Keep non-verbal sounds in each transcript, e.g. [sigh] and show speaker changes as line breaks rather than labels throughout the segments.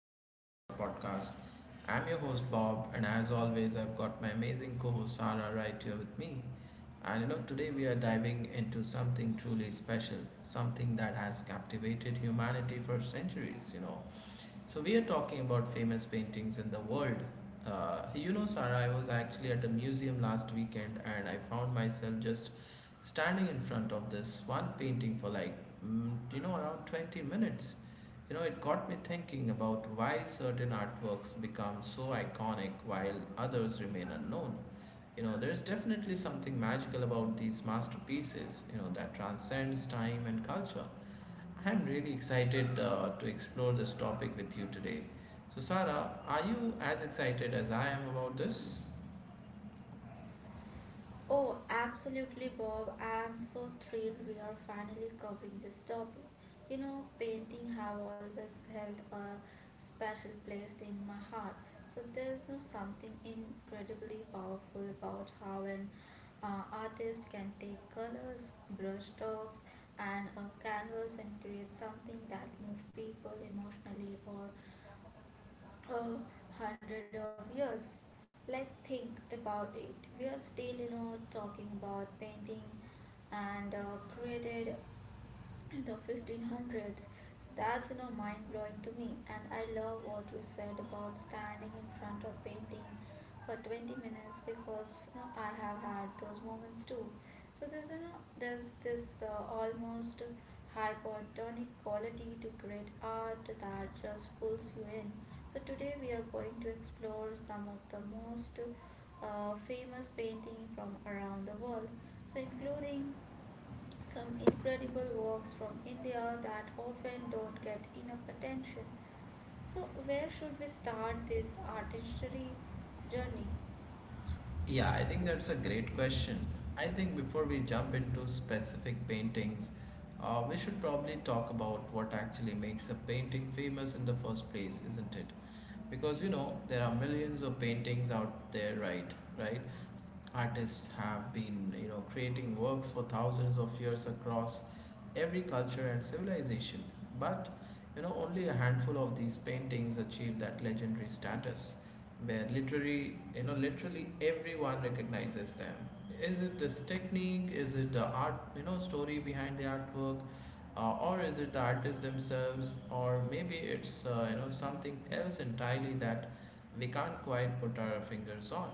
episode of our podcast. I'm your host Bob, and as always, I've got my amazing co host Sarah right here with me. Today we are diving into something truly special, something that has captivated humanity for centuries, so we are talking about famous paintings in the world. Sarah, I was actually at a museum last weekend and I found myself just standing in front of this one painting for like around 20 minutes. It got me thinking about why certain artworks become so iconic while others remain unknown. There's definitely something magical about these masterpieces that transcends time and culture. I'm really excited to explore this topic with you today. So, Sarah, are you as excited as I am about this?
Oh, absolutely, Bob. I'm so thrilled we are finally covering this topic. You know, painting have always held a special place in my heart. So there's no something incredibly powerful about how an artist can take colors, brush strokes, and a canvas and create something that moves people emotionally or a hundred of years. Like, think about it. We are still, you know, talking about painting and created in the 1500s. That's you know mind blowing to me, and I love what you said about standing in front of painting for 20 minutes because you know, I have had those moments too. So there's you know there's this almost hypertonic quality to great art that just pulls you in. So today we are going to explore some of the most famous painting from around the world, so including some incredible works from India that often don't get enough attention. So, where should we start this artistry journey?
Yeah, I think that's a great question. I think before we jump into specific paintings, we should probably talk about what actually makes a painting famous in the first place, isn't it? Because there are millions of paintings out there, right? Artists have been, you know, creating works for thousands of years across every culture and civilization. But only a handful of these paintings achieved that legendary status, where literally, literally everyone recognizes them. Is it this technique? Is it the art, story behind the artwork, or is it the artists themselves, or maybe it's something else entirely that we can't quite put our fingers on?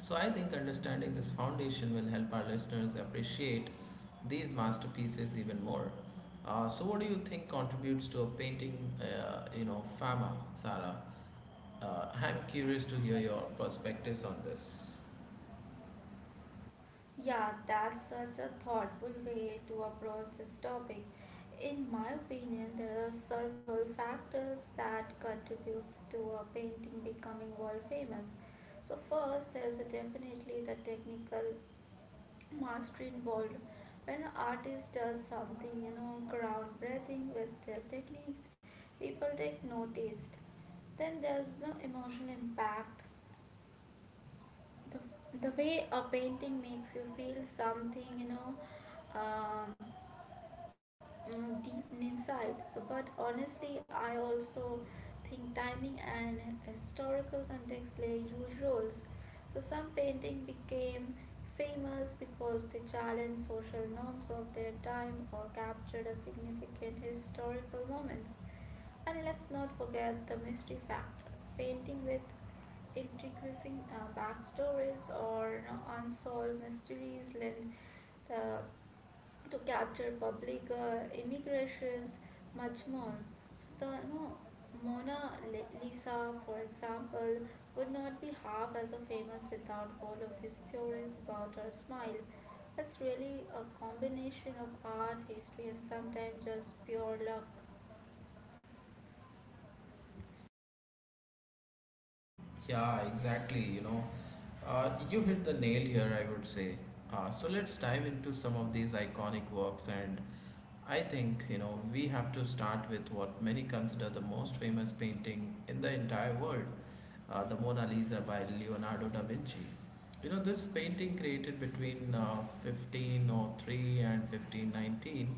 So, I think understanding this foundation will help our listeners appreciate these masterpieces even more. So, what do you think contributes to a painting, fama, Sarah? I'm curious to hear your perspectives on this.
Yeah, that's such a thoughtful way to approach this topic. In my opinion, there are several factors that contributes to a painting becoming world famous. So first, there is definitely the technical mastery involved. When an artist does something, you know, ground breathing with their techniques, people take notice. Then there's no emotional impact. The, the way a painting makes you feel something, you know, um, deep inside. So, but honestly, I also think timing and historical context play huge roles. So, some painting became famous because they challenged social norms of their time or captured a significant historical moment. And let's not forget the mystery factor. Painting with intriguing backstories or you know, unsolved mysteries lend the to capture public immigrations much more. So the no, Lisa, for example, would not be half as famous without all of these theories about her smile. It's really a combination of art, history, and sometimes just pure luck.
Yeah, exactly. You hit the nail here, I would say. So let's dive into some of these iconic works, and I think, you know, we have to start with what many consider the most famous painting in the entire world, the Mona Lisa by Leonardo da Vinci. You know, this painting created between 1503 and 1519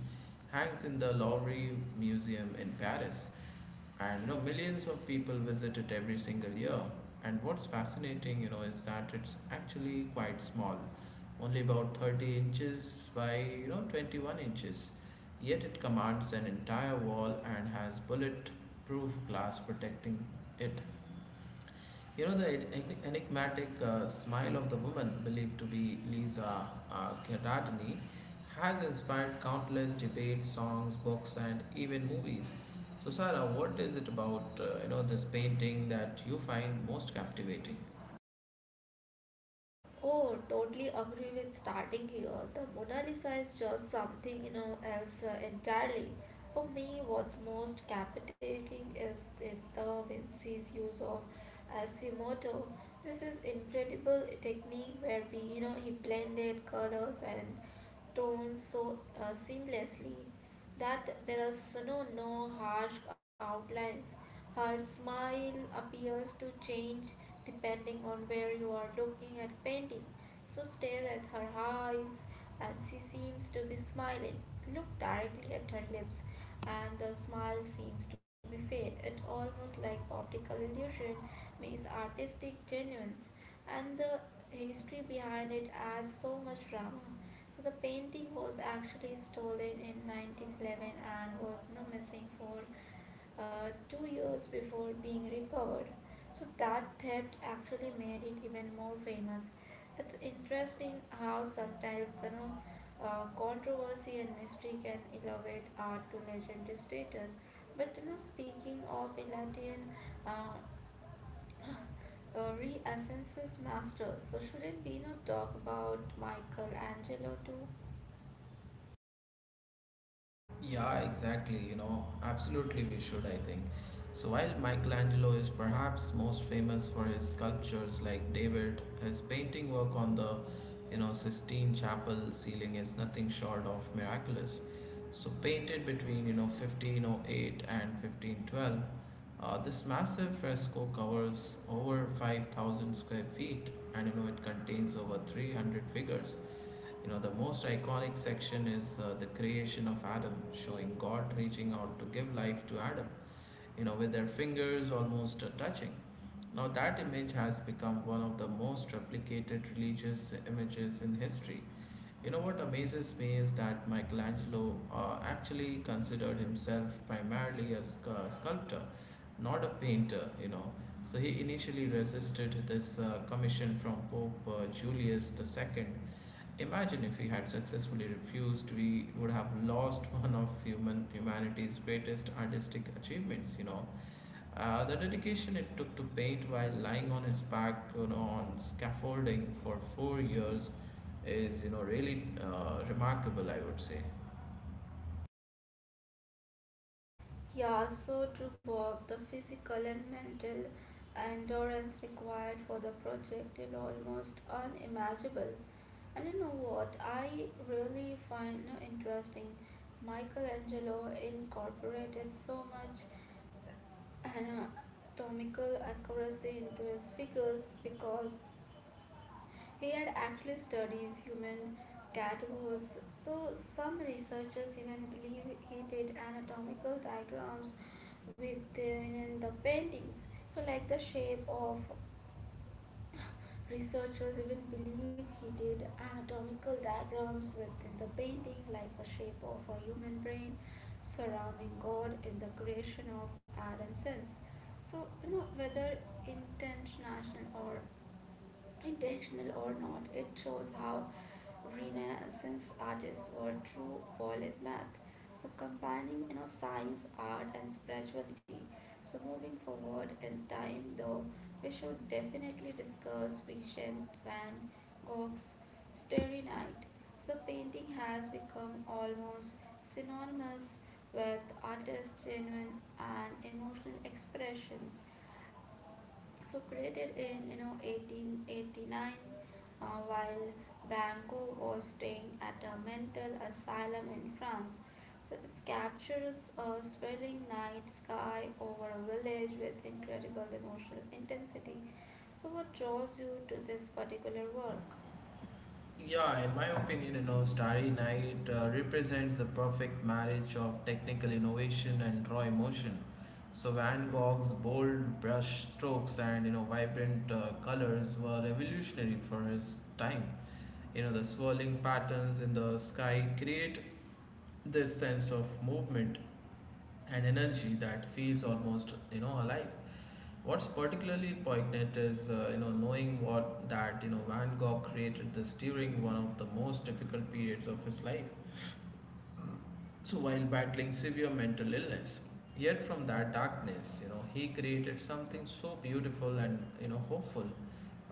hangs in the Louvre Museum in Paris, and you know, millions of people visit it every single year. And what's fascinating, you know, is that it's actually quite small, only about 30 inches by, you know, 21 inches, yet it commands an entire wall and has bullet proof glass protecting it. You know, the enigmatic smile of the woman believed to be Lisa Gherardini has inspired countless debates, songs, books, and even movies. So, Sarah, what is it about this painting that you find most captivating?
Oh, totally agree with starting here. The Mona Lisa is just something, you know, else entirely. For me, what's most captivating is the Da Vinci's use of Asfimoto. This is incredible technique where we, you know, he blended colors and tones so seamlessly that there are no, no harsh outlines. Her smile appears to change depending on where you are looking at painting. So stare at her eyes, and she seems to be smiling. Look directly at her lips, and the smile seems to be fake. It's almost like optical illusion means artistic genuine, and the history behind it adds so much drama. So the painting was actually stolen in 1911 and was you know, missing for 2 years before being recovered. So that theft actually made it even more famous. It's interesting how sometimes you know controversy and mystery can elevate art to legendary status. But you know, speaking of Elatian uh, Renaissance master, so shouldn't we not talk about Michelangelo too?
Yeah, exactly. You know, absolutely we should, I think. So while Michelangelo is perhaps most famous for his sculptures like David, his painting work on the, you know, Sistine Chapel ceiling is nothing short of miraculous. So painted between, you know, 1508 and 1512, this massive fresco covers over 5,000 square feet, and, you know, it contains over 300 figures. You know, the most iconic section is the creation of Adam, showing God reaching out to give life to Adam, you know, with their fingers almost touching. Now, that image has become one of the most replicated religious images in history. You know, what amazes me is that Michelangelo actually considered himself primarily a sculptor, not a painter, you know. So he initially resisted this commission from Pope Julius the Second. Imagine if we had successfully refused, we would have lost [laughs] one of humanity's greatest artistic achievements. The dedication it took to paint while lying on his back, you know, on scaffolding for 4 years, is, you know, really remarkable, I would say.
Yeah, so true, Bob. The physical and mental endurance required for the project is almost unimaginable. And you know what? I really find you know, interesting. Michelangelo incorporated so much anatomical accuracy into his figures because he had actually studied human cat was so some researchers even believe he did anatomical diagrams within the paintings. So like the shape of [laughs] researchers even believe he did anatomical diagrams within the painting like the shape of a human brain surrounding God in the creation of Adam's sense. So you know whether intentional or Intentional or not, it shows how Renaissance artists were true polis So combining you know science, art and spirituality. So moving forward in time though, we should definitely discuss Vincent van Gogh's Starry Night. So painting has become almost synonymous with artists' genuine and emotional expressions. So created in you know 1889 while Banco was staying at a mental asylum in France. So it captures a swirling night sky over a village with incredible emotional intensity. So what draws you to this particular work?
Yeah, in my opinion, you know, Starry Night represents the perfect marriage of technical innovation and raw emotion. So Van Gogh's bold brush strokes and, you know, vibrant colors were revolutionary for his time. You know, the swirling patterns in the sky create this sense of movement and energy that feels almost, you know, alive. What's particularly poignant is, knowing what that you know Van Gogh created this during one of the most difficult periods of his life. So while battling severe mental illness, yet from that darkness, you know, he created something so beautiful and, you know, hopeful.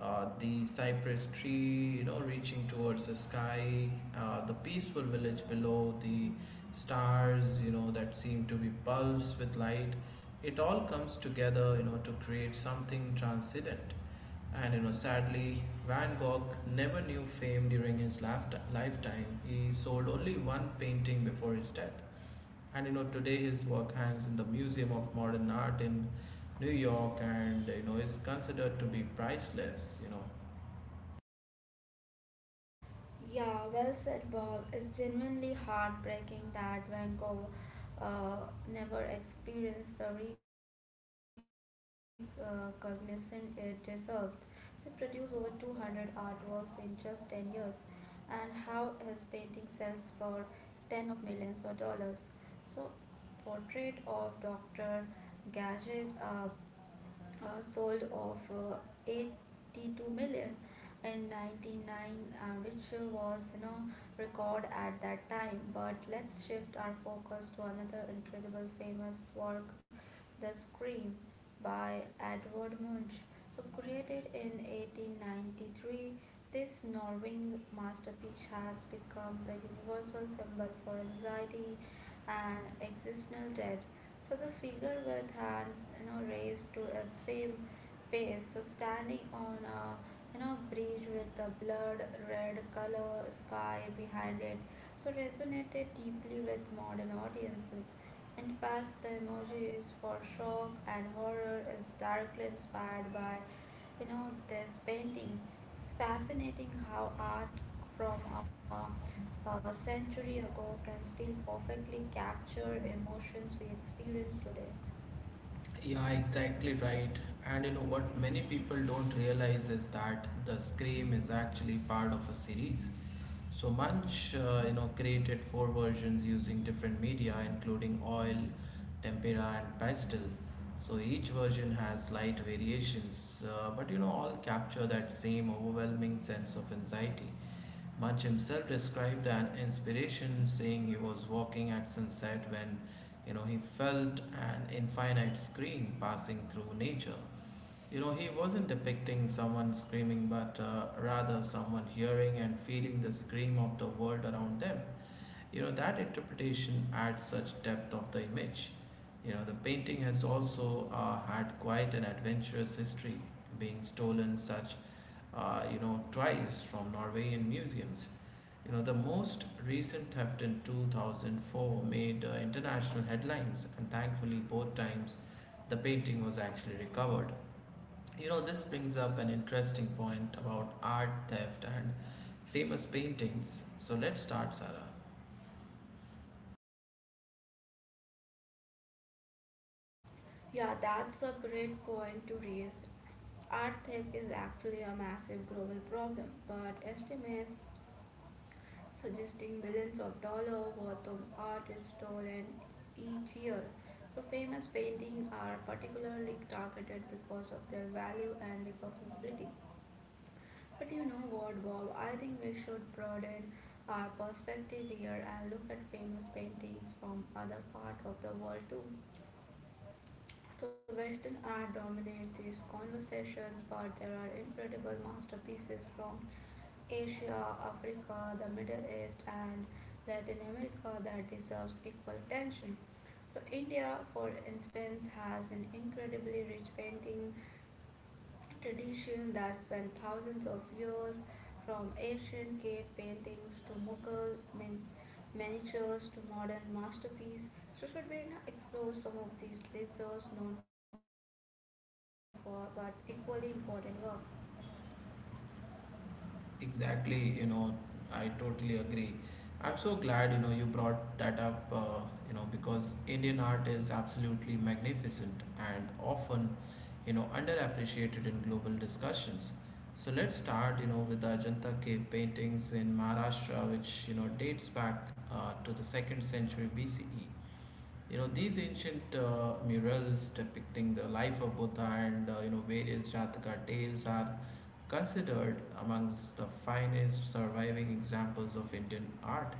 The cypress tree, you know, reaching towards the sky, the peaceful village below, the stars, you know, that seem to be pulsed with light. It all comes together, you know, to create something transcendent. And, you know, sadly, Van Gogh never knew fame during his lifetime. He sold only one painting before his death. And, you know, today his work hangs in the Museum of Modern Art in New York, and, you know, is considered to be priceless, you know.
Yeah, well said, Bob. It's genuinely heartbreaking that Vancouver uh, never experienced the recognition it deserved. She produced over 200 artworks in just 10 years, and how his painting sells for 10 of millions of dollars. So, portrait of Dr. Gadget, a sold of 82 million in 99 which was you know record at that time, but let's shift our focus to another incredible famous work, the scream by Edvard munch, so created in 1893, this Norwing masterpiece has become the universal symbol for anxiety and existential dread. So the figure with hands, you know, raised to its fame face, so standing on a you know bridge with the blood red color sky behind it, so resonated deeply with modern audiences. In fact, the emoji is for shock and horror is directly inspired by, you know, this painting. It's fascinating how art from a century ago can still perfectly capture emotions we experience today.
Yeah, exactly right. And, you know, what many people don't realize is that the Scream is actually part of a series. So Munch, you know, created four versions using different media, including oil, tempera, and pastel. So each version has slight variations, but, you know, all capture that same overwhelming sense of anxiety. Munch himself described an inspiration, saying he was walking at sunset when, you know, he felt an infinite scream passing through nature. You know, he wasn't depicting someone screaming, but rather someone hearing and feeling the scream of the world around them. You know, that interpretation adds such depth of the image. You know, the painting has also had quite an adventurous history, being stolen such, twice from Norwegian museums. You know, the most recent theft in 2004 made international headlines, and thankfully, both times the painting was actually recovered. You know, this brings up an interesting point about art theft and famous paintings. So let's start, Sarah.
Yeah, that's a great point to raise. Art theft is actually a massive global problem, but estimates suggesting millions of dollars worth of art is stolen each year. So famous paintings are particularly targeted because of their value and recognizability. But you know what, Bob? I think we should broaden our perspective here and look at famous paintings from other parts of the world too. So Western art dominates these conversations, but there are incredible masterpieces from Asia, Africa, the Middle East, and Latin America that deserves equal attention. So, India, for instance, has an incredibly rich painting tradition that spans thousands of years from ancient cave paintings to miniatures to modern masterpieces. So, should we you explore some of these lesser known for but equally important work?
Exactly, you know, I totally agree. I'm so glad, you know, you brought that up, because Indian art is absolutely magnificent and often, you know, underappreciated in global discussions. So let's start, you know, with the Ajanta cave paintings in Maharashtra, which, you know, dates back to the second century BCE. You know, these ancient murals depicting the life of Buddha and, you know, various Jataka tales are considered amongst the finest surviving examples of Indian art.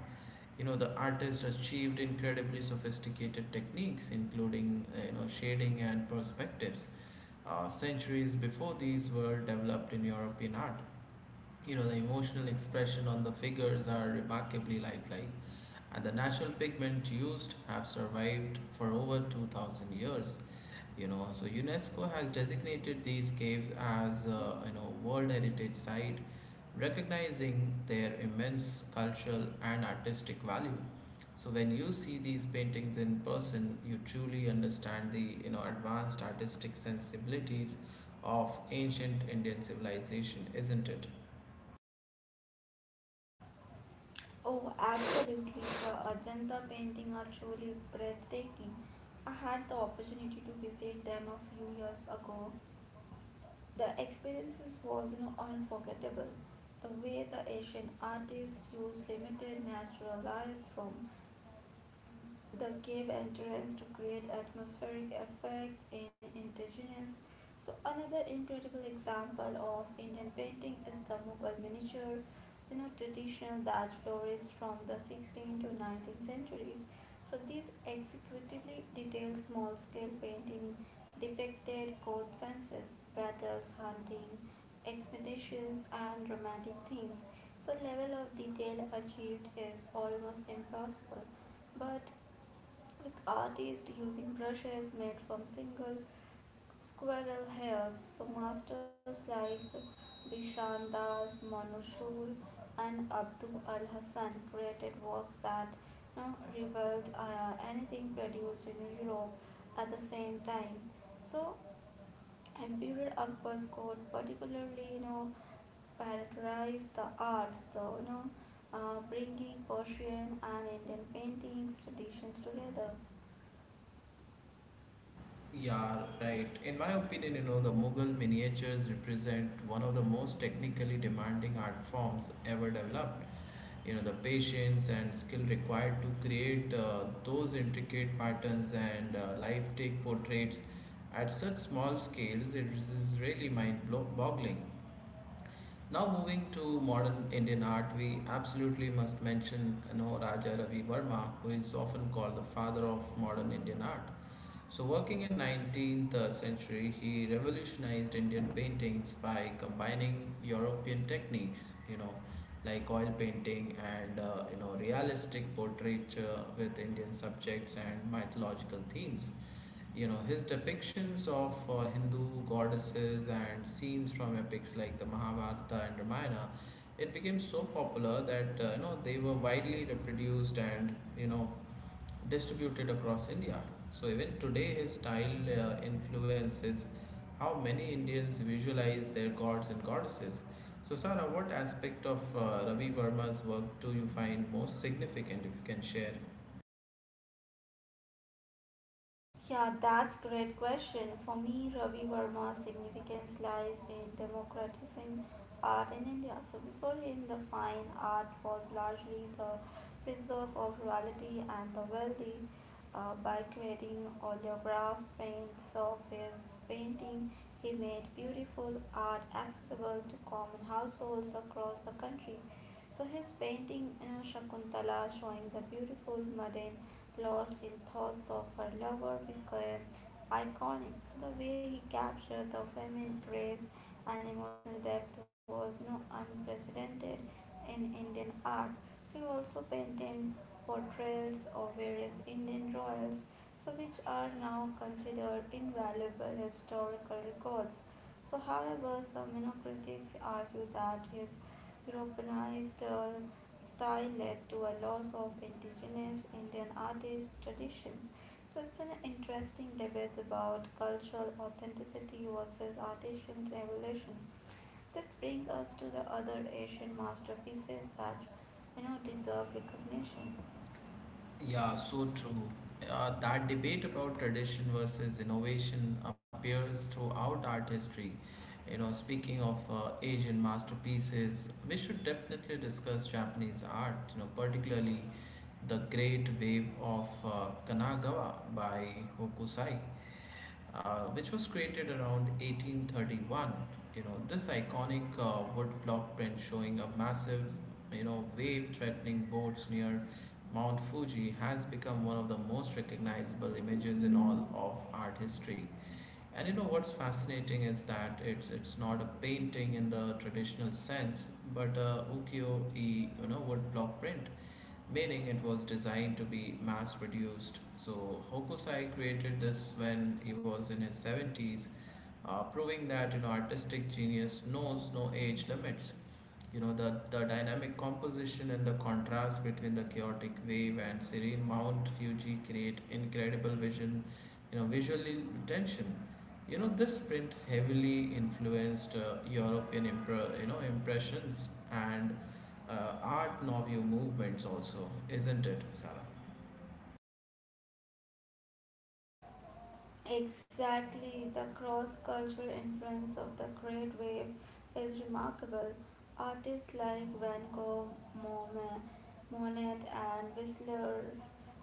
You know, the artist achieved incredibly sophisticated techniques, including, you know, shading and perspectives, centuries before these were developed in European art. You know, the emotional expression on the figures are remarkably lifelike, and the natural pigment used have survived for over 2000 years. You know, so UNESCO has designated these caves as, you know, World Heritage Site, recognizing their immense cultural and artistic value. So when you see these paintings in person, you truly understand the, you know, advanced artistic sensibilities of ancient Indian civilization, isn't it?
Oh, absolutely. The Ajanta painting are truly breathtaking. I had the opportunity to visit them a few years ago. The experiences was you know, unforgettable. The way the Asian artists used limited natural lights from the cave entrance to create atmospheric effect in indigenous. So another incredible example of Indian painting is the Mughal miniature, you know, traditional that flourished from the 16th to 19th centuries. So these executively detailed small-scale painting depicted court census, battles, hunting, expeditions, and romantic themes. So level of detail achieved is almost impossible. But with artists using brushes made from single squirrel hairs. So masters like Bishan Das, Manu and Abdul Al Hassan created works that you know, rivaled anything produced in Europe at the same time. So Emperor Akbar's court particularly you know characterized the arts, though, you know bringing Persian and Indian paintings traditions together.
Yeah, right. In my opinion, you know, the Mughal miniatures represent one of the most technically demanding art forms ever developed. You know, the patience and skill required to create those intricate patterns and lifelike portraits at such small scales, it is really mind-boggling. Now, moving to modern Indian art, we absolutely must mention, you know, Raja Ravi Verma, who is often called the father of modern Indian art. So working in 19th century, he revolutionized Indian paintings by combining European techniques, you know, like oil painting and, you know, realistic portraiture with Indian subjects and mythological themes. You know, his depictions of Hindu goddesses and scenes from epics like the Mahabharata and Ramayana, it became so popular that you know, they were widely reproduced and, you know, distributed across India. So even today, his style influences how many Indians visualize their gods and goddesses. So Sara, what aspect of Ravi Verma's work do you find most significant? If you can share.
Yeah, that's great question. For me, Ravi Verma's significance lies in democratizing art in India. So before him, the fine art was largely the preserve of royalty and the wealthy. By creating oleograph prints of his painting, he made beautiful art accessible to common households across the country. So his painting Shakuntala showing the beautiful maiden lost in thoughts of her lover became iconic. So the way he captured the feminine grace and emotional depth was no unprecedented in Indian art. So he also painted portrayals of various Indian royals, so which are now considered invaluable historical records. So, however, some you know, critics argue that his Europeanized style led to a loss of indigenous Indian artist traditions. So it's an interesting debate about cultural authenticity versus artisan evolution. This brings us to the other Asian masterpieces that you know deserve recognition.
Yeah, so true. That debate about tradition versus innovation appears throughout art history. You know, speaking of Asian masterpieces, we should definitely discuss Japanese art, you know, particularly the great wave of Kanagawa by Hokusai, which was created around 1831. You know, this iconic wood block print showing a massive, you know, wave threatening boats near Mount Fuji has become one of the most recognizable images in all of art history. And, you know, what's fascinating is that it's not a painting in the traditional sense, but a ukiyo-e, you know, woodblock print, meaning it was designed to be mass produced. So Hokusai created this when he was in his 70s, proving that you know artistic genius knows no age limits. You know the dynamic composition and the contrast between the chaotic wave and serene Mount Fuji create incredible vision, you know, visually tension. You know this print heavily influenced you know impressions and art nouveau movements also, isn't it, Sarah?
Exactly, the cross cultural influence of the Great Wave is remarkable. Artists like Van Gogh, Monet, Monet and Whistler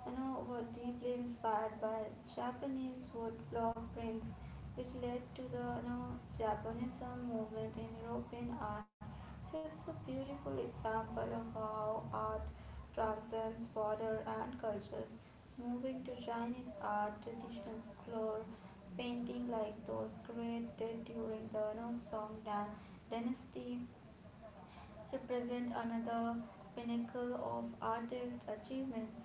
you know, were deeply inspired by Japanese woodblock prints which led to the you know, Japanese movement in European art. So it's a beautiful example of how art transcends border and cultures. So moving to Chinese art, traditional scroll painting like those created during the you know, Song Dan dynasty represent another pinnacle of artist achievements.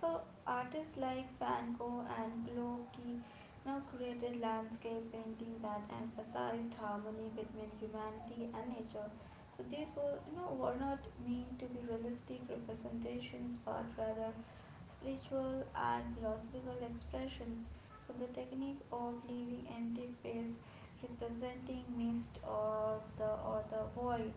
So artists like Van Gogh and Blocki now created landscape painting that emphasized harmony between humanity and nature. So these were you know were not meant to be realistic representations but rather spiritual and philosophical expressions. So the technique of leaving empty space representing mist or the void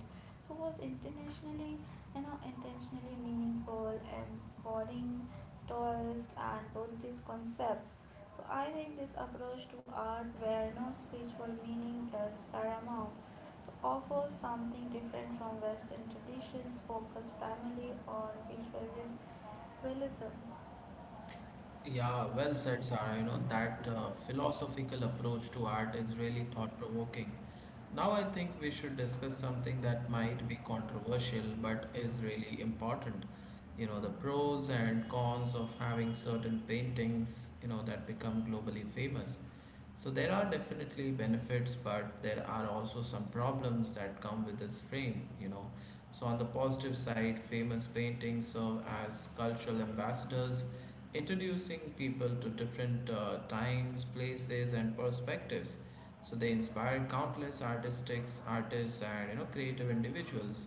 so was internationally you know intentionally meaningful embodying Taoist and Buddhist concepts. So I think this approach to art where no spiritual meaning is paramount so offers something different from Western traditions focused primarily on visual realism.
Yeah, well said, Sarah. You know, that philosophical approach to art is really thought provoking. Now I think we should discuss something that might be controversial but is really important. You know, the pros and cons of having certain paintings, you know, that become globally famous. So there are definitely benefits, but there are also some problems that come with this frame, you know. So on the positive side, famous paintings serve as cultural ambassadors, introducing people to different times, places, and perspectives. So they inspired countless artistic artists and you know creative individuals.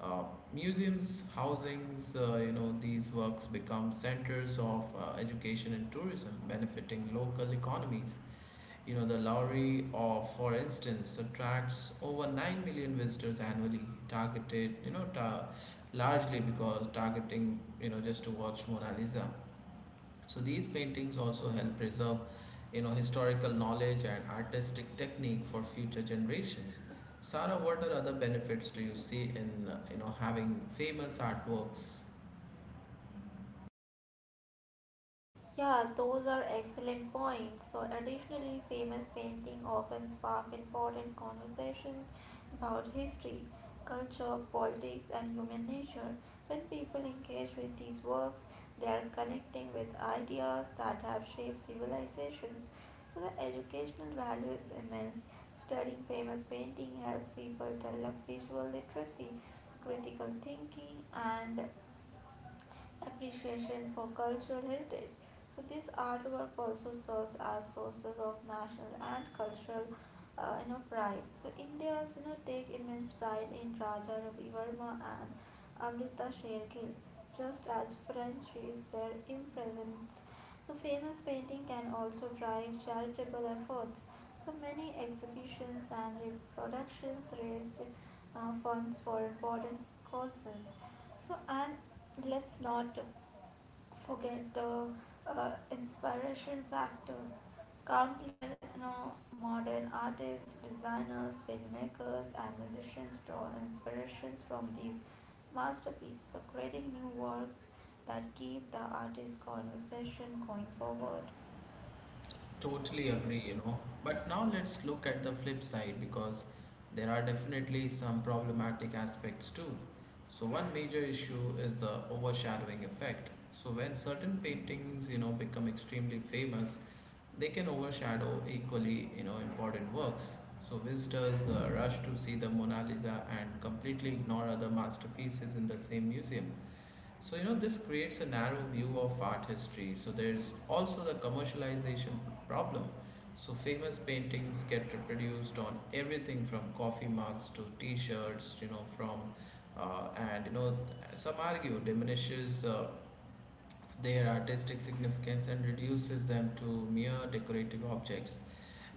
Uh, museums, housings, you know these works become centers of education and tourism, benefiting local economies. You know, the Lowry, or for instance, attracts over 9 million visitors annually, targeted, you know, largely because targeting, you know, just to watch Mona Lisa. So these paintings also help preserve, you know, historical knowledge and artistic technique for future generations. Sarah, what are other benefits do you see in, you know, having famous artworks?
Yeah, those are excellent points. So, additionally, famous painting often spark important conversations about history, culture, politics, and human nature. When people engage with these works, they are connecting with ideas that have shaped civilizations. So, the educational value is immense. Studying famous painting helps people develop visual literacy, critical thinking, and appreciation for cultural heritage. So this artwork also serves as sources of national and cultural you know pride. So Indians take immense pride in Raja Ravi Verma and Amrita sher Shergill, just as French is their impressions. So famous painting can also drive charitable efforts. So many exhibitions and reproductions raised funds for important causes. And let's not forget the inspiration factor. Countless modern artists, designers, filmmakers, and musicians draw inspirations from these masterpieces, so creating new works that keep the artist conversation going forward.
Totally agree, you know. But now let's look at the flip side because there are definitely some problematic aspects too. So one major issue is the overshadowing effect. So when certain paintings, you know, become extremely famous, they can overshadow equally, you know, important works. So visitors rush to see the Mona Lisa and completely ignore other masterpieces in the same museum. So, you know, this creates a narrow view of art history. So, there's also the commercialization problem. So, famous paintings get reproduced on everything from coffee mugs to t shirts, you know, from, and, you know, some argue diminishes their artistic significance and reduces them to mere decorative objects.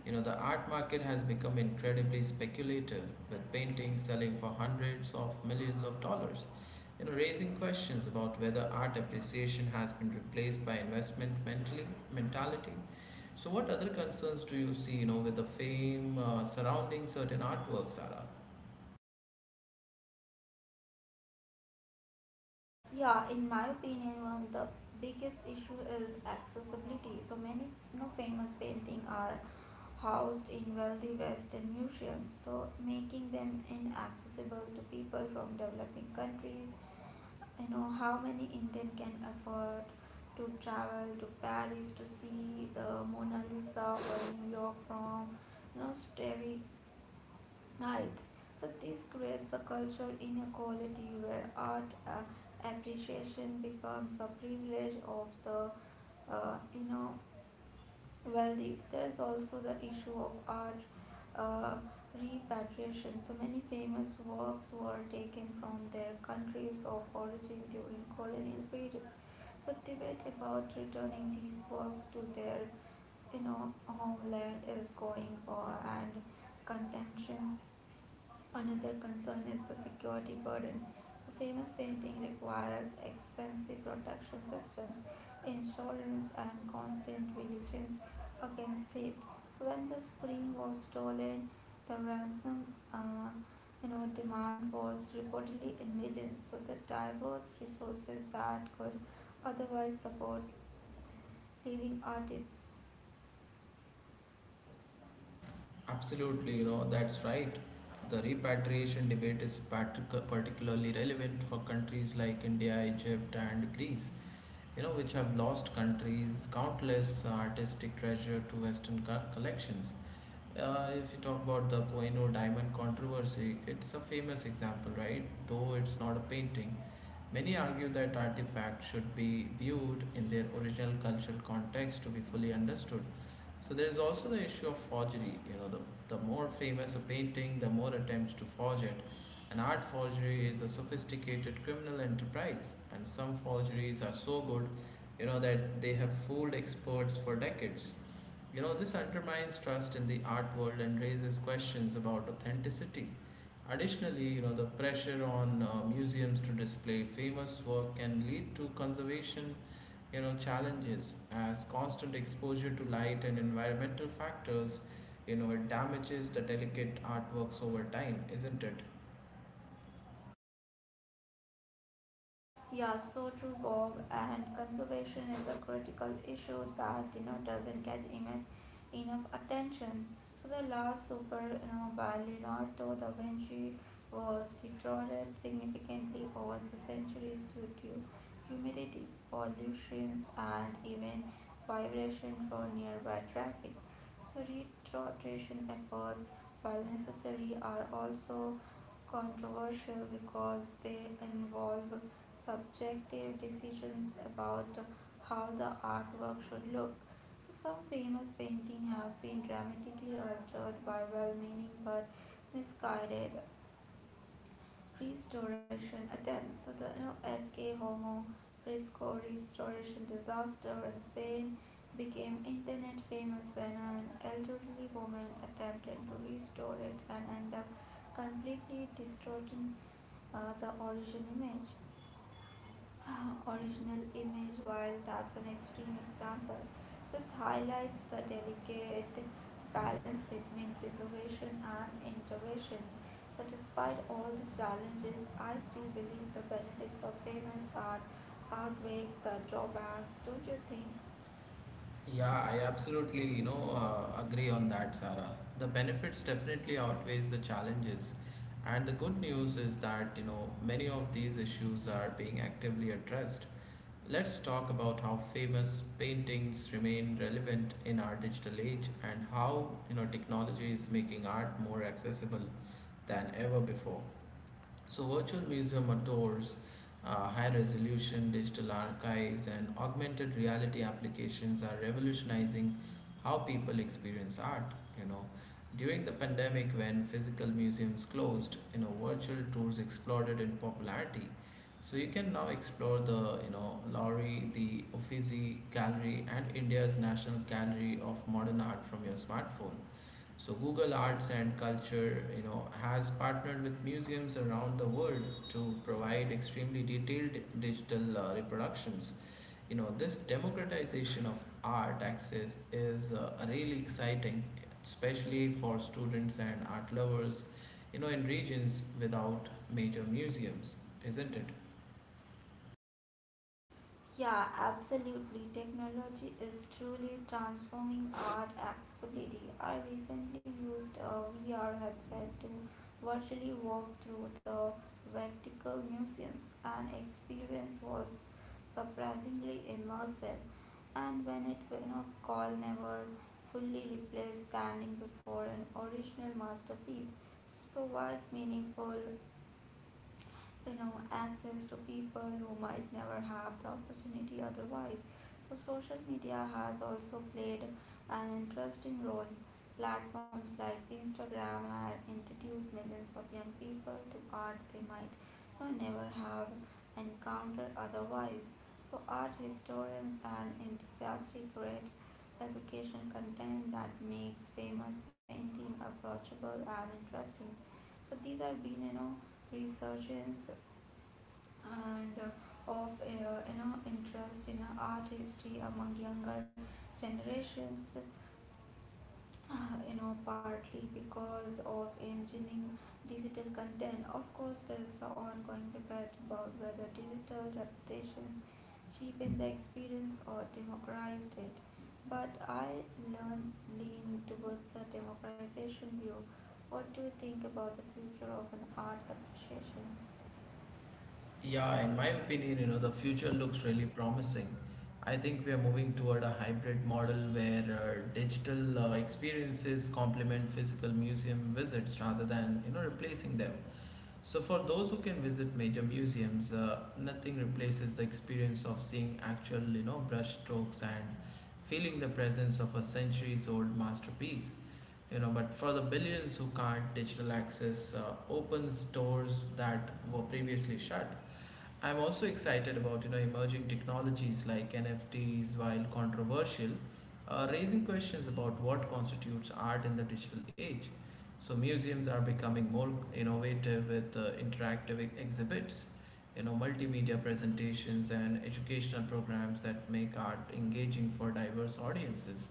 You know, the art market has become incredibly speculative, with paintings selling for hundreds of millions of dollars. You know, raising questions about whether art appreciation has been replaced by investment mentality. So, what other concerns do you see, you know, with the fame surrounding certain artworks, Sarah?
Yeah, in my opinion, one of the biggest issue is accessibility. So many famous painting are housed in wealthy Western museums, so making them inaccessible to people from developing countries. You know how many Indians can afford to travel to Paris to see the Mona Lisa or New York from starry nights. So this creates a cultural inequality where art appreciation becomes a privilege of the uh, you know well these there's also the issue of art uh, repatriation. So many famous works were taken from their countries of origin during colonial periods, so debate about returning these works to their homeland is going on and contentions. Another concern is the security burden. So famous painting requires expensive protection systems, insurance and constant vigilance against theft. So when the screen was stolen, the ransom uh, demand was reportedly in millions. So the diverse resources that could otherwise support living artists.
Absolutely, you know, that's right. The repatriation debate is particularly relevant for countries like India, Egypt, and Greece, you know, which have lost countries countless artistic treasure to Western collections. If you talk about the Koino diamond controversy, it's a famous example, right? Though it's not a painting. Many argue that artifacts should be viewed in their original cultural context to be fully understood. So there's also the issue of forgery. You know, the more famous a painting, the more attempts to forge it. And art forgery is a sophisticated criminal enterprise, and some forgeries are so good, you know, that they have fooled experts for decades. You know, this undermines trust in the art world and raises questions about authenticity. Additionally, you know, the pressure on museums to display famous work can lead to conservation, you know, challenges as constant exposure to light and environmental factors, you know, it damages the delicate artworks over time, isn't it?
Yeah, so true, Bob. And conservation is a critical issue that doesn't get enough attention. So the last super, by Leonardo da Vinci was deteriorated significantly over the centuries due to humidity, pollution, and even vibration from nearby traffic. So restoration efforts, while necessary, are also controversial because they involve subjective decisions about how the artwork should look. So some famous paintings have been dramatically altered by well-meaning but misguided restoration attempts. So the SK Homo Fresco restoration disaster in Spain became internet famous when an elderly woman attempted to restore it and ended up completely distorting the original image. [sighs] Original image, while that's an extreme example. So it highlights the delicate balance between preservation and interventions. But despite all the challenges, I still believe the benefits of famous art outweigh the drawbacks, don't you think?
Yeah, I absolutely, you know, agree on that, Sarah. The benefits definitely outweighs the challenges. And the good news is that, you know, many of these issues are being actively addressed. Let's talk about how famous paintings remain relevant in our digital age and how, you know, technology is making art more accessible than ever before. So, virtual museum adores high resolution digital archives and augmented reality applications are revolutionizing how people experience art. You know, during the pandemic, when physical museums closed, you know, virtual tours exploded in popularity. So you can now explore the, you know, Lowry, the Uffizi Gallery, and India's National Gallery of Modern Art from your smartphone. So Google Arts and Culture, you know, has partnered with museums around the world to provide extremely detailed digital reproductions. You know, this democratization of art access is really exciting, especially for students and art lovers, you know, in regions without major museums, isn't it?
Yeah, absolutely. Technology is truly transforming art accessibility. I recently used a VR headset to virtually walk through the Vatican museums, and experience was surprisingly immersive. And when it went up, call never fully replaced standing before an original masterpiece. This provides meaningful access to people who might never have the opportunity otherwise. So social media has also played an interesting role. Platforms like Instagram have introduced millions of young people to art they might you never have encountered otherwise. So art historians and enthusiasts create education content that makes famous painting approachable and interesting. So these are been resurgence and of interest in art history among younger generations, partly because of engineering digital content. Of course, there's an ongoing debate about whether digital reputations cheapen the experience or democratized it, but I learn lean towards the democratization view. What do you think about the future of an art appreciations?
Yeah, in my opinion, you know, the future looks really promising. I think we are moving toward a hybrid model where digital experiences complement physical museum visits rather than, you know, replacing them. So for those who can visit major museums, nothing replaces the experience of seeing actual, you know, brush strokes and feeling the presence of a centuries old masterpiece. You know, but for the billions who can't, digital access opens doors that were previously shut. I'm also excited about you know emerging technologies like NFTs, while controversial, raising questions about what constitutes art in the digital age. So museums are becoming more innovative with exhibits, you know, multimedia presentations and educational programs that make art engaging for diverse audiences.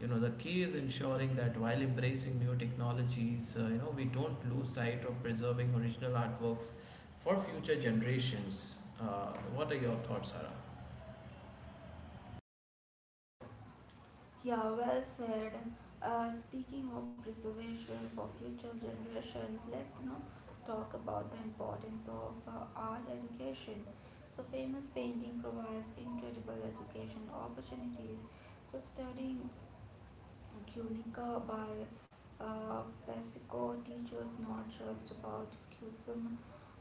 You know the key is ensuring that while embracing new technologies, you know we don't lose sight of preserving original artworks for future generations. What are your thoughts, Sarah?
Yeah, well said. Speaking of preservation for future generations, let's talk about the importance of art education. So famous painting provides incredible education opportunities. So studying Guernica by uh, Pesco teaches not just about Cusum,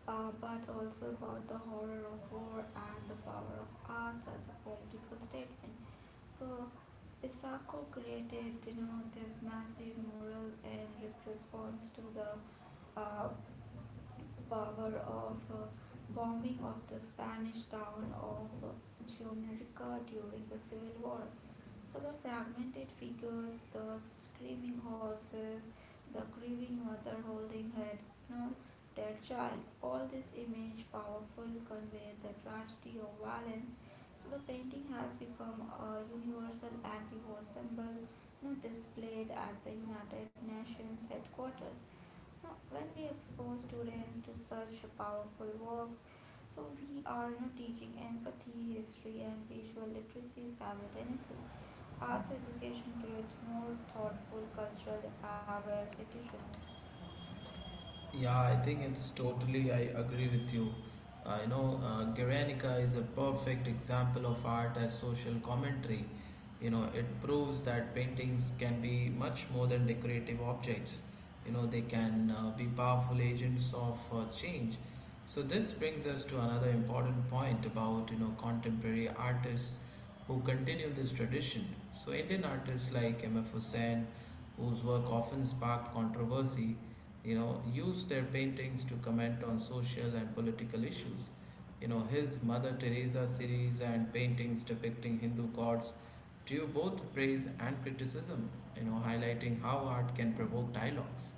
but also about the horror of war and the power of arts as a political statement. So Isako created, this massive mural in response to the uh, power of bombing of the Spanish town of Jamaica during the Civil War. So the fragmented figures, the screaming horses, the grieving mother holding her no, dead child, all this image powerful convey the tragedy of violence. So the painting has become a universal anti-war symbol, displayed at the United Nations headquarters. Now, when we expose students to such powerful works, so we are teaching empathy, history, and visual literacy simultaneously. Arts education creates more thoughtful, cultural, aware citizens.
Yeah, I think it's totally, I agree with you. You know, Guernica is a perfect example of art as social commentary. You know, it proves that paintings can be much more than decorative objects. You know, they can be powerful agents of change. So this brings us to another important point about, you know, contemporary artists who continue this tradition. So Indian artists like M.F. Hussain, whose work often sparked controversy, you know, used their paintings to comment on social and political issues. You know, his Mother Teresa series and paintings depicting Hindu gods drew both praise and criticism, you know, highlighting how art can provoke dialogues.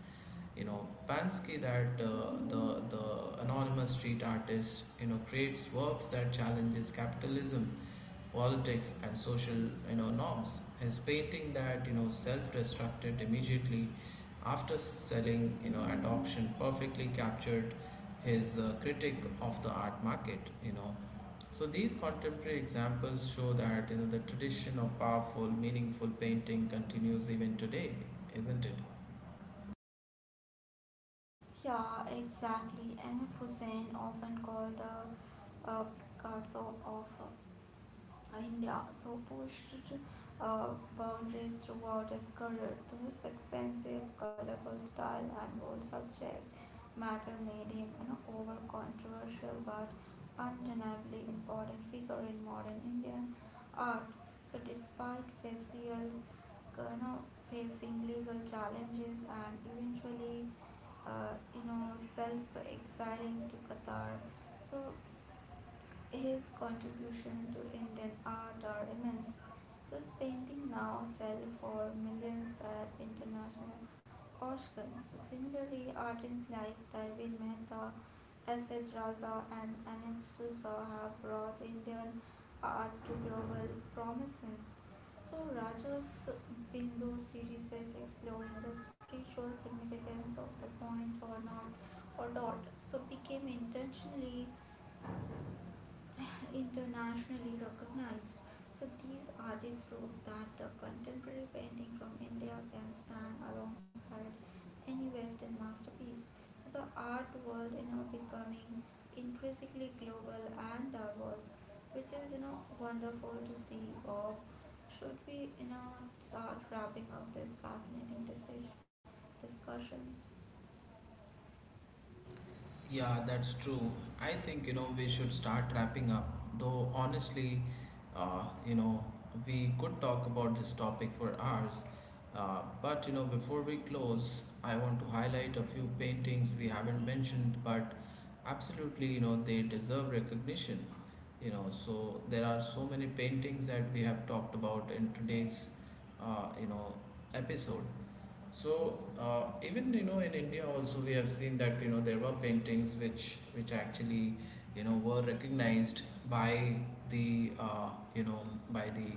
You know Pansky, that the anonymous street artist, you know creates works that challenges capitalism, politics, and social, you know, norms. His painting that you know self-destructed immediately after selling, you know, at auction perfectly captured his critic of the art market, you know. So these contemporary examples show that, you know, the tradition of powerful meaningful painting continues even today, isn't it?
Yeah, exactly. M.F. Hussain, often called the Picasso of India, so pushed uh, boundaries throughout his career. His expensive, colorful style and bold subject matter made him an over controversial but undeniably important figure in modern Indian art. So despite facial uh, you know facing legal challenges and eventually self exiling to Qatar, so his contribution to Indian art are immense. So his painting now sell for millions at international auctions. So similarly, artists like Daivin Mehta, S.H. Raza and Anand Sousa have brought Indian art to global prominence. So Raja's Bindu series is exploring the spiritual significance of the point or not or dot. So became intentionally internationally recognized. So these artists prove that the contemporary painting from India can stand alongside any Western masterpiece. So the art world, becoming increasingly global and diverse, which is wonderful to see. Or should we start wrapping up this fascinating discussions?
Yeah, that's true. I think, you know, we should start wrapping up. Though, honestly, you know, we could talk about this topic for hours. But, you know, before we close, I want to highlight a few paintings we haven't mentioned, but absolutely, you know, they deserve recognition. You know, so there are so many paintings that we have talked about in today's, you know, episode. So even you know in India also we have seen that you know there were paintings which actually you know were recognized by the you know by the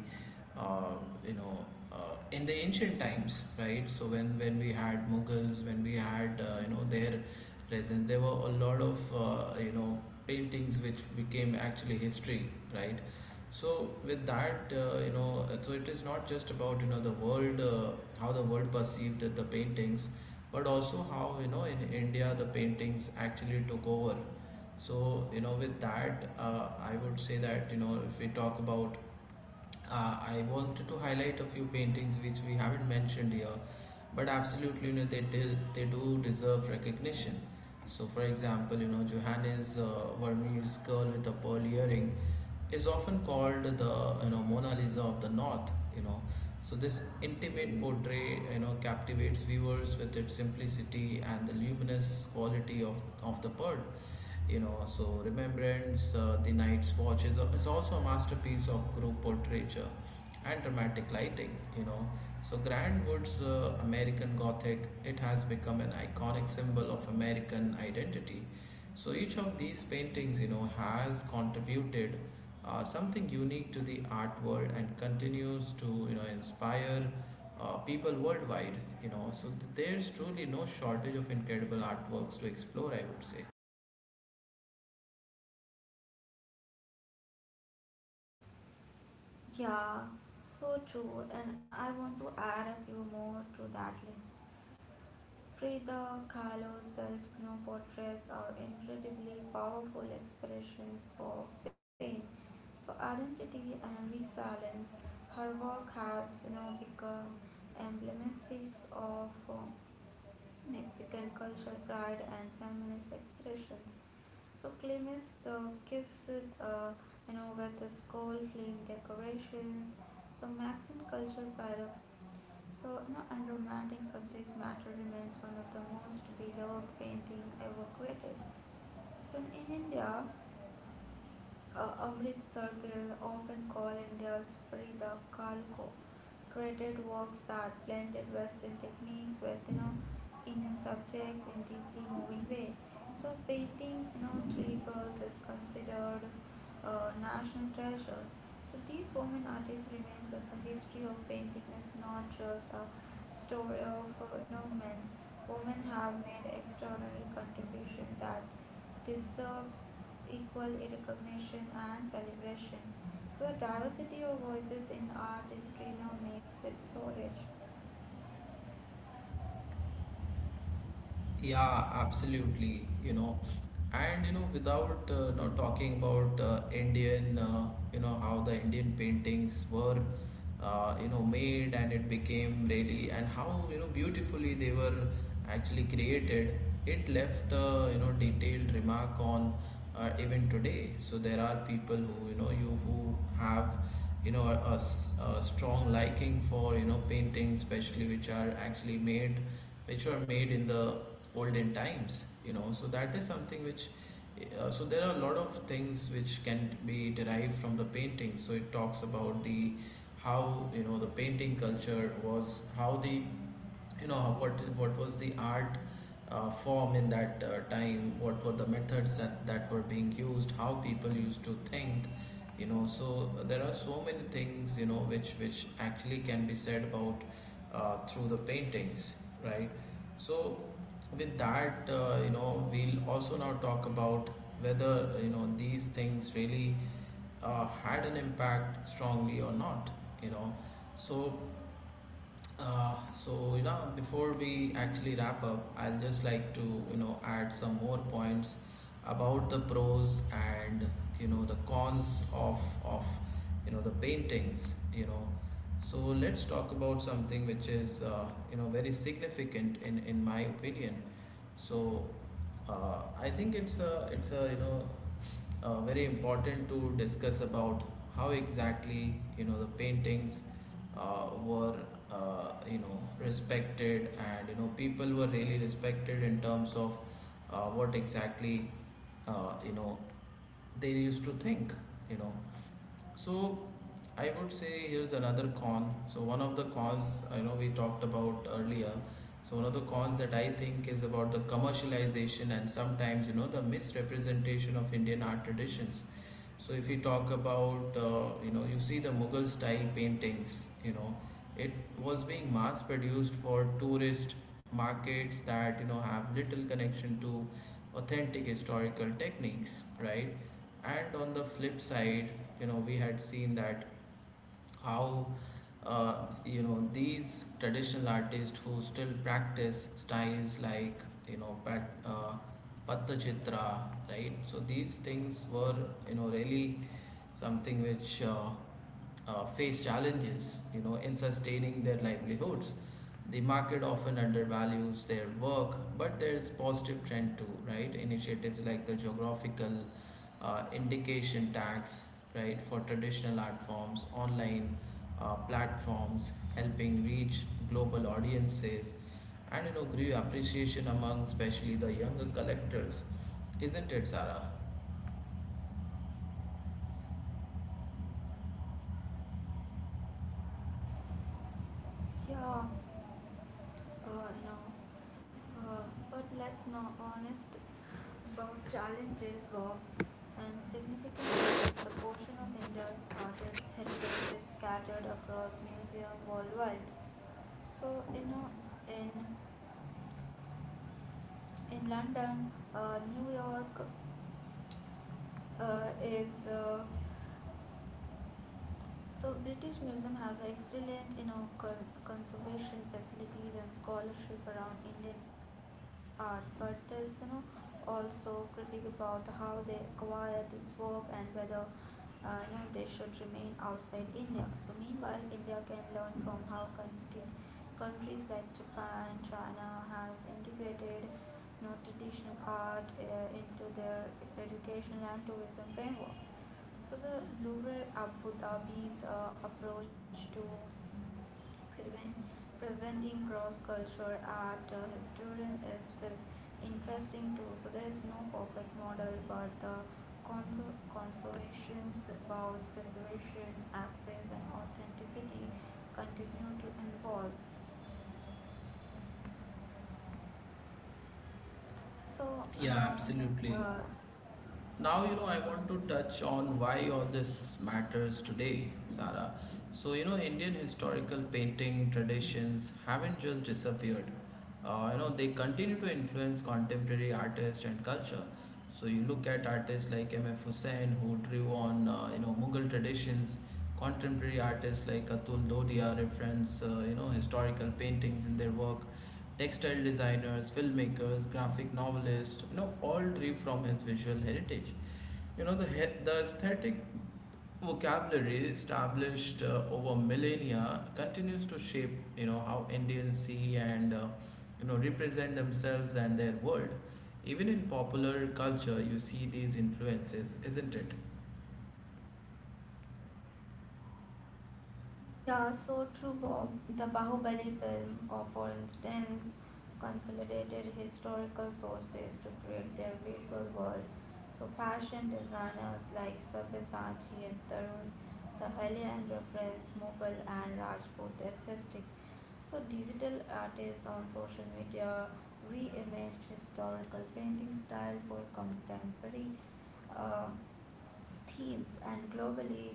you know uh, in the ancient times, right? So when we had Mughals, when we had you know their presence, there were a lot of you know paintings which became actually history, right? So with that you know so it is not just about you know the world, how the world perceived the paintings, but also how you know in India the paintings actually took over. So you know with that I would say that you know if we talk about I wanted to highlight a few paintings which we haven't mentioned here, but absolutely, you know, they do deserve recognition. So, for example, you know, Johannes Vermeer's Girl with a Pearl Earring is often called the, you know, Mona Lisa of the North, you know. So, this intimate portrait, you know, captivates viewers with its simplicity and the luminous quality of the pearl. You know so remembrance, the night's watch is, is also a masterpiece of group portraiture and dramatic lighting, you know. So Grand Wood's American Gothic, it has become an iconic symbol of American identity. So each of these paintings, you know, has contributed something unique to the art world and continues to, you know, inspire people worldwide. You know so there's truly no shortage of incredible artworks to explore, I would say.
Yeah, so true. And I want to add a few more to that list. Frida Kahlo's self portraits are incredibly powerful expressions of pain, so identity and resilience. Her work has now become emblematic of Mexican cultural pride and feminist expressions. So Clemens the kiss, uh, with the skull flame decorations. So Mexican cultural pride of so no unromantic subject matter remains one of the most beloved paintings ever created. So in India, Amrit Circle, often called India's Frida Kahlo, created works that blended Western techniques with Indian subjects in deeply moving way. So painting, three girls is considered a national treasure. So these women artists remains that the history of painting is not just a story of men. Women have made extraordinary contribution that deserves equal recognition and celebration. So the diversity of voices in art history now makes it so rich.
Yeah, absolutely. Without not talking about Indian, how the Indian paintings were made and it became really and how beautifully they were actually created. It left a detailed remark on even today. So there are people who you know you who have a strong liking for paintings, especially which are actually made, which were made in the olden times, so that is something which so there are a lot of things which can be derived from the painting. So it talks about the how the painting culture was, how the what was the art form in that time, what were the methods that were being used, how people used to think, So there are so many things which actually can be said about through the paintings, right? So with that, we'll also now talk about whether these things really had an impact strongly or not, you know so before we actually wrap up, I'll just like to add some more points about the pros and the cons of the paintings, so let's talk about something which is very significant in my opinion. So I think it's a very important to discuss about how exactly the paintings were respected and people were really respected in terms of what exactly uh, you know they used to think, you know so I would say here's another con. So one of the cons I know we talked about earlier. So one of the cons that I think is about the commercialization and sometimes the misrepresentation of Indian art traditions. So if we talk about, you see the Mughal style paintings, it was being mass produced for tourist markets that, have little connection to authentic historical techniques, right? And on the flip side, we had seen that how these traditional artists who still practice styles like patachitra, right? So these things were really something which face challenges in sustaining their livelihoods. The market often undervalues their work, but there's positive trend too, right? Initiatives like the geographical indication tax, right, for traditional art forms, online platforms helping reach global audiences, and grew appreciation among especially the younger collectors, isn't it, Sarah?
Yeah, uh, you know, uh, but let's now honest about challenges, Bob, and significant proportion of India's artists' heritage is scattered across museum worldwide. So in in London, New York, is so British Museum has excellent, conservation facilities and scholarship around Indian art, but there's also critique about how they acquire these work and whether they should remain outside India. So meanwhile, India can learn from how countries like Japan, China has integrated traditional art into their educational and tourism framework. So the rural Abu Dhabi's approach to Prevent. Presenting cross-cultural art historian is interesting too. So there is no perfect model, but the conservations about preservation, access, and authenticity continue to evolve. So
Yeah, absolutely.
uh,
Now, I want to touch on why all this matters today, Sarah. So, Indian historical painting traditions haven't just disappeared. They continue to influence contemporary artists and culture. So, you look at artists like M.F. Hussain, who drew on, Mughal traditions. Contemporary artists like Atul Dodia reference, historical paintings in their work. Textile designers, filmmakers, graphic novelists, all drew from his visual heritage. The aesthetic vocabulary established over millennia continues to shape, how Indians see and, represent themselves and their world. Even in popular culture, you see these influences, isn't it?
Yeah, so true, Bob. The Bahubali film, or for instance, consolidated historical sources to create their visual world. So fashion designers like Sabyasachi and Tarun Tahalian reference Mughal and Rajput aesthetic. So digital artists on social media re imaged historical painting style for contemporary. Uh, Themes and globally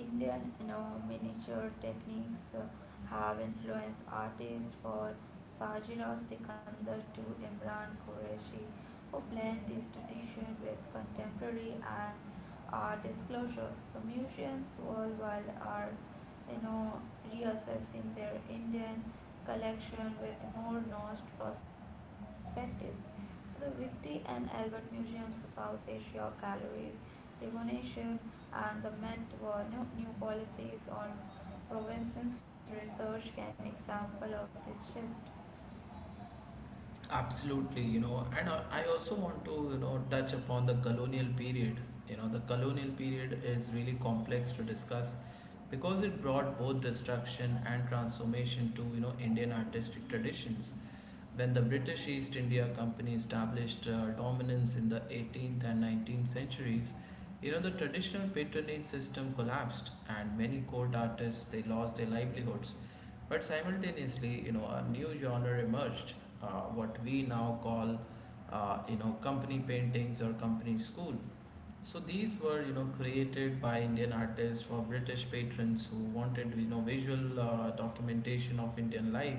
Indian, miniature techniques have influenced artists for Sajira Sikandar to Imran Qureshi who blend this tradition with contemporary and art disclosure. So museums worldwide are you know reassessing their Indian collection with more nuanced perspectives. So the Victory and Albert Museums, South Asia galleries Remuneration and the meant were new policies on provinces research can example of this shift.
Absolutely, and I also want to, touch upon the colonial period. The colonial period is really complex to discuss because it brought both destruction and transformation to, Indian artistic traditions. When the British East India Company established dominance in the 18th and 19th centuries, the traditional patronage system collapsed and many court artists they lost their livelihoods. But simultaneously, a new genre emerged, what we now call, company paintings or company school. So these were, created by Indian artists for British patrons who wanted, visual documentation of Indian life,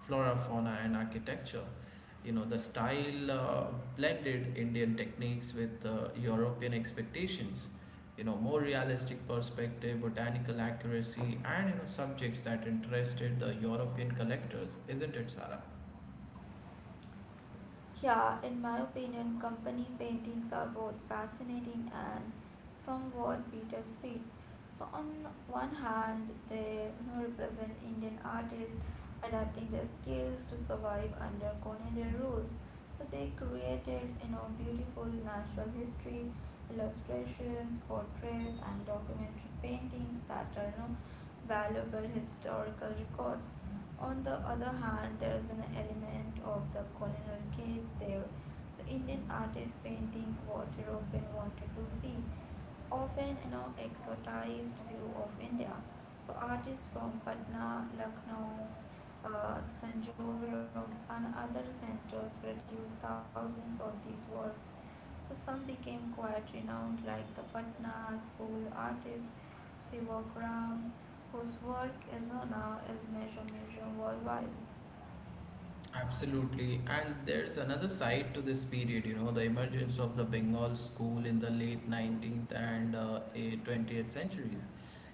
flora, fauna, and architecture. The style blended Indian techniques with European expectations. More realistic perspective, botanical accuracy, and subjects that interested the European collectors, isn't it, Sarah?
Yeah, in my opinion, company paintings are both fascinating and somewhat bittersweet. So on one hand, they represent Indian artists adapting their skills to survive under colonial rule. So they created beautiful natural history illustrations, portraits, and documentary paintings that are valuable historical records. On the other hand, there is an element of the colonial gaze there. So Indian artists painting what European wanted to see, often exoticized view of India. So artists from Patna, Lucknow, Tanjore and other centers produced thousands of these works. So some became quite renowned like the Patna school artist Sivakram whose work is now is major museum worldwide.
Absolutely. And there's another side to this period, the emergence of the Bengal school in the late 19th and 20th centuries.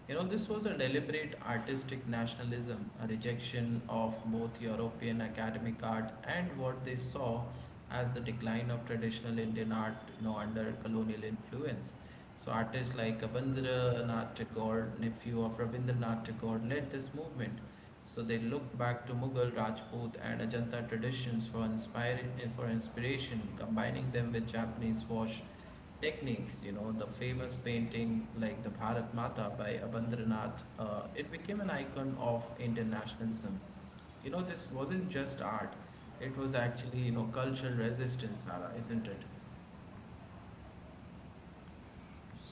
This was a deliberate artistic nationalism, a rejection of both European academic art and what they saw as the decline of traditional Indian art, under colonial influence. So artists like Rabindranath Tagore, nephew of Rabindranath Tagore, led this movement. So they looked back to Mughal, Rajput, and Ajanta traditions for inspiring for inspiration, combining them with Japanese wash techniques. The famous painting like the Bharat Mata by Abindranath, it became an icon of internationalism. This wasn't just art, it was actually cultural resistance, Nara, isn't it?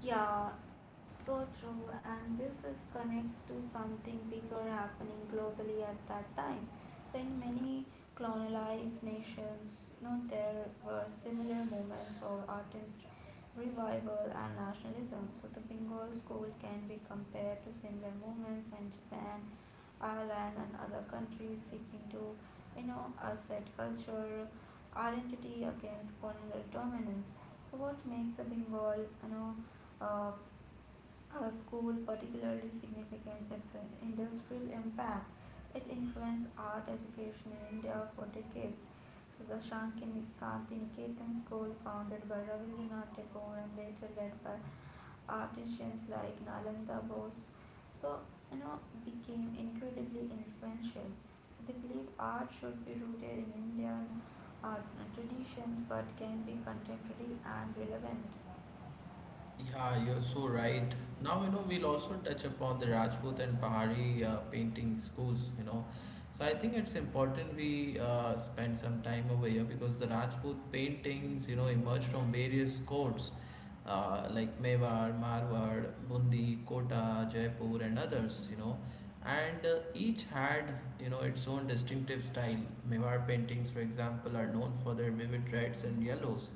Yeah, so true. And this is connects to something bigger happening globally at that time. So in many colonized nations, there were similar movements for artist revival and nationalism. So the Bengal school can be compared to similar movements in Japan, Ireland and other countries seeking to, assert culture, identity against colonial dominance. So what makes the Bengal, uh, a school particularly significant? It's an industrial impact. It influenced art education in India for decades. So the Shantiniketan school founded by Rabindranath Tagore and later led by artisans like Nalanda Bose, so you know became incredibly influential. So they believe art should be rooted in Indian art traditions but can be contemporary and relevant.
Yeah, you're so right. Now, we'll also touch upon the Rajput and Pahari painting schools, So I think it's important we spend some time over here because the Rajput paintings, emerged from various courts like Mewar, Marwar, Bundi, Kota, Jaipur, and others, And each had, its own distinctive style. Mewar paintings, for example, are known for their vivid reds and yellows,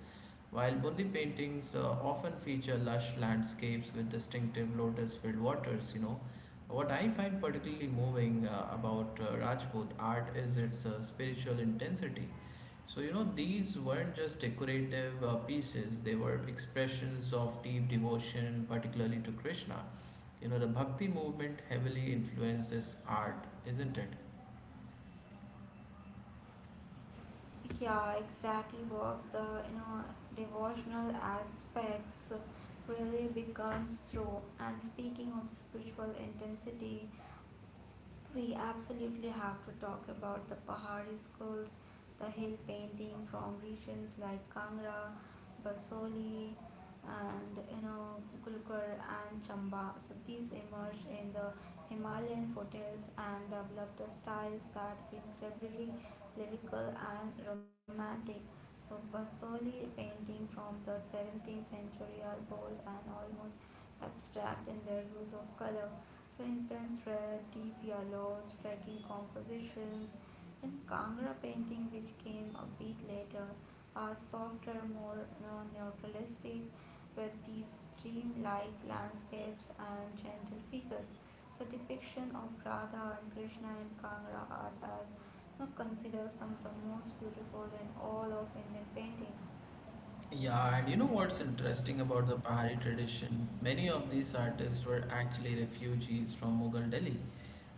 while Bundi paintings often feature lush landscapes with distinctive lotus-filled waters, what I find particularly moving about Rajput art is its spiritual intensity. So, these weren't just decorative pieces, they were expressions of deep devotion, particularly to Krishna. The bhakti movement heavily influenced this art, isn't it?
Yeah, exactly, Bob. The devotional aspects really becomes true. And speaking of spiritual intensity, we absolutely have to talk about the Pahari schools, the hill painting from regions like Kangra, Basoli, and Gulkar and Chamba. So these emerged in the Himalayan foothills and developed styles that were incredibly lyrical and romantic. So Basoli painting from the 17th century are bold and almost abstract in their use of color. So intense red, deep yellows, striking compositions. Then Kangra painting, which came a bit later, are softer, more non-neutralistic, with these stream-like landscapes and gentle figures. The depiction of Radha and Krishna in Kangra art as, considered some of the most beautiful in all of Indian painting.
Yeah, and what's interesting about the Pahari tradition? Many of these artists were actually refugees from Mughal Delhi.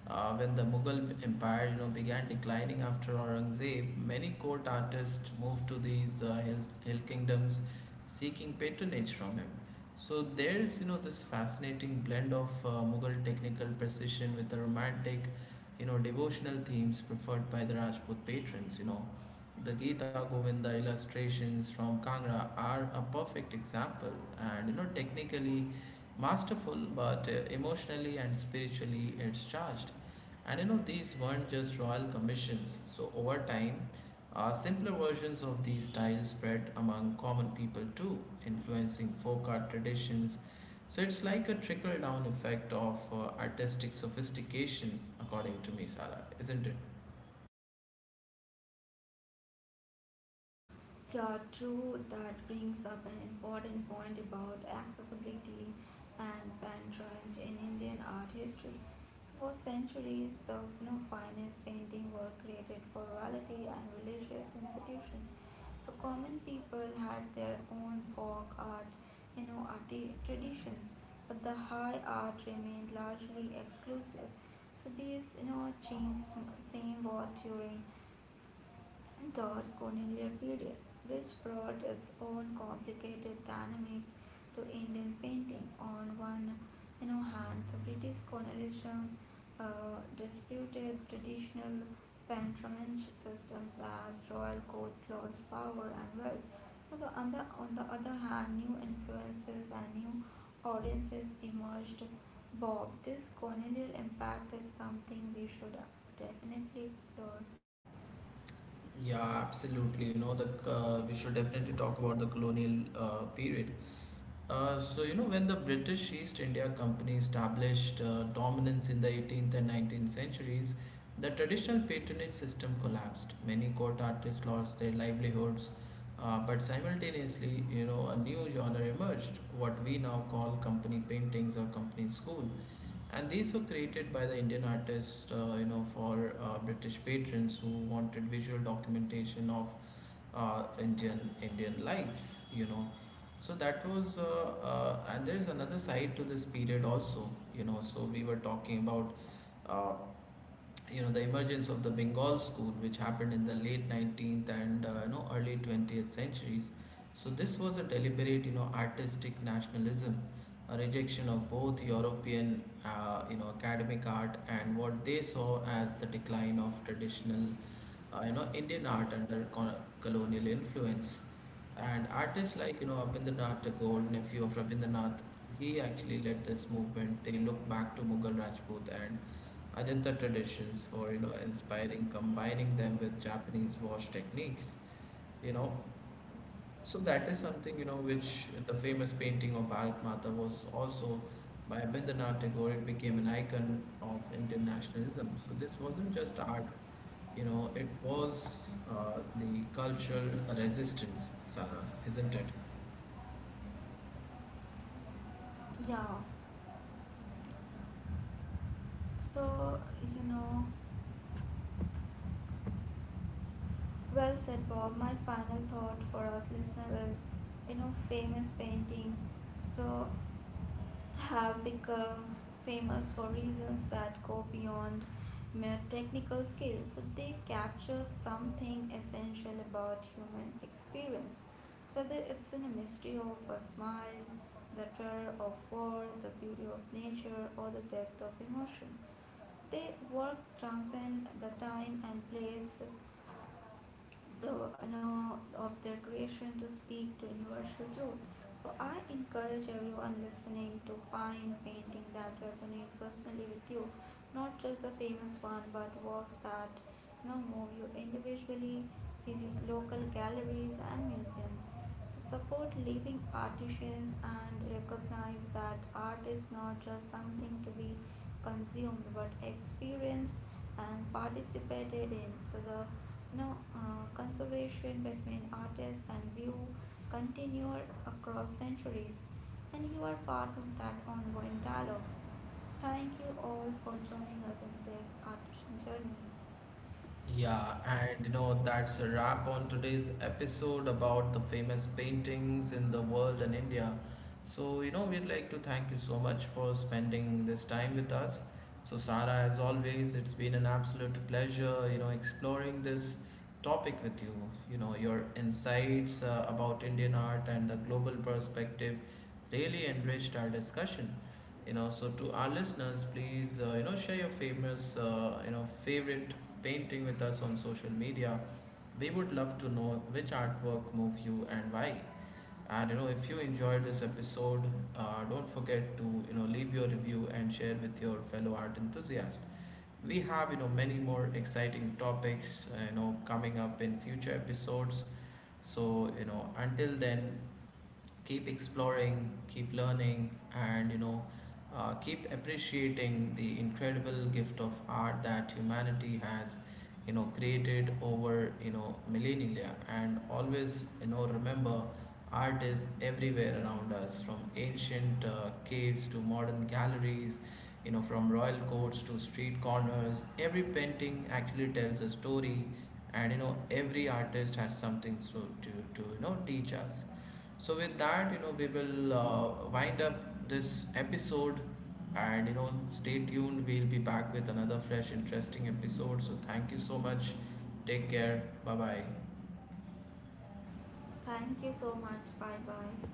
When the Mughal Empire, began declining after Aurangzeb, many court artists moved to these hill kingdoms, seeking patronage from him. So there's, this fascinating blend of Mughal technical precision with the romantic, devotional themes preferred by the Rajput patrons. The Gita Govinda illustrations from Kangra are a perfect example, and technically masterful, but emotionally and spiritually it's charged. And these weren't just royal commissions. So over time, simpler versions of these styles spread among common people too, influencing folk art traditions. So it's like a trickle down effect of artistic sophistication according to me, Sara, isn't it?
Yeah, true. That brings up an important point about accessibility and patronage in Indian art history. For centuries, the finest painting were created for royalty and religious institutions. So common people had their own folk art, traditions, but the high art remained largely exclusive. So these, changed same what during the colonial period, which brought its own complicated dynamics to Indian painting. On one hand, the British colonialism disputed traditional patronage systems as royal court lost power and wealth. On the other hand, new influences and new audiences emerged. Bob, this colonial impact is something we should definitely explore.
Yeah, absolutely. You know, the we should definitely talk about the colonial period. When the British East India Company established dominance in the 18th and 19th centuries, the traditional patronage system collapsed. Many court artists lost their livelihoods, but simultaneously, a new genre emerged, what we now call company paintings or company school, and these were created by the Indian artists, for British patrons who wanted visual documentation of Indian life, So that was, and there's another side to this period also, So we were talking about, uh, the emergence of the Bengal school, which happened in the late 19th and early 20th centuries. So this was a deliberate, artistic nationalism, a rejection of both European, academic art and what they saw as the decline of traditional, Indian art under colonial influence. And artists like, Abhindranath Tagore, nephew of Rabindranath, he actually led this movement. They look back to Mughal Rajput and Ajanta traditions for, inspiring, combining them with Japanese wash techniques, you know. So that is something, which the famous painting of Bharat Mata was also by Abhindranath Tagore. It became an icon of Indian nationalism. So this wasn't just art, it was the cultural resistance, Sarah, isn't it?
Yeah, so, well said, Bob. My final thought for us listeners is, famous painting. So have become famous for reasons that go beyond mere technical skills. So they capture something essential about human experience. So whether it's in a mystery of a smile, the terror of war, the beauty of nature, or the depth of emotion. They work transcend the time and place, the of their creation to speak to universal truth. So I encourage everyone listening to find painting that resonate personally with you, not just the famous one, but works that move you individually. Visit local galleries and museums so support living artisans and recognize that art is not just something to be consumed but experienced and participated in. So the conservation between artists and view continued across centuries, and you are part of that ongoing dialogue. Thank you all for joining us in this artisan journey.
Yeah, and that's a wrap on today's episode about the famous paintings in the world and India. So, we'd like to thank you so much for spending this time with us. So, Sarah, as always, it's been an absolute pleasure, exploring this topic with you. Your insights about Indian art and the global perspective really enriched our discussion. So to our listeners, please share your famous favorite painting with us on social media. We would love to know which artwork moved you and why. And if you enjoyed this episode, don't forget to leave your review and share with your fellow art enthusiasts. We have many more exciting topics coming up in future episodes. So until then, keep exploring, keep learning, and keep appreciating the incredible gift of art that humanity has, created over millennia. And always, remember, art is everywhere around us, from ancient caves to modern galleries. From royal courts to street corners, every painting actually tells a story, and every artist has something to teach us. So with that, we will wind up this episode, and stay tuned. We'll be back with another fresh interesting episode. So thank you so much. Take care. Bye-bye.
Thank you so much. Bye bye.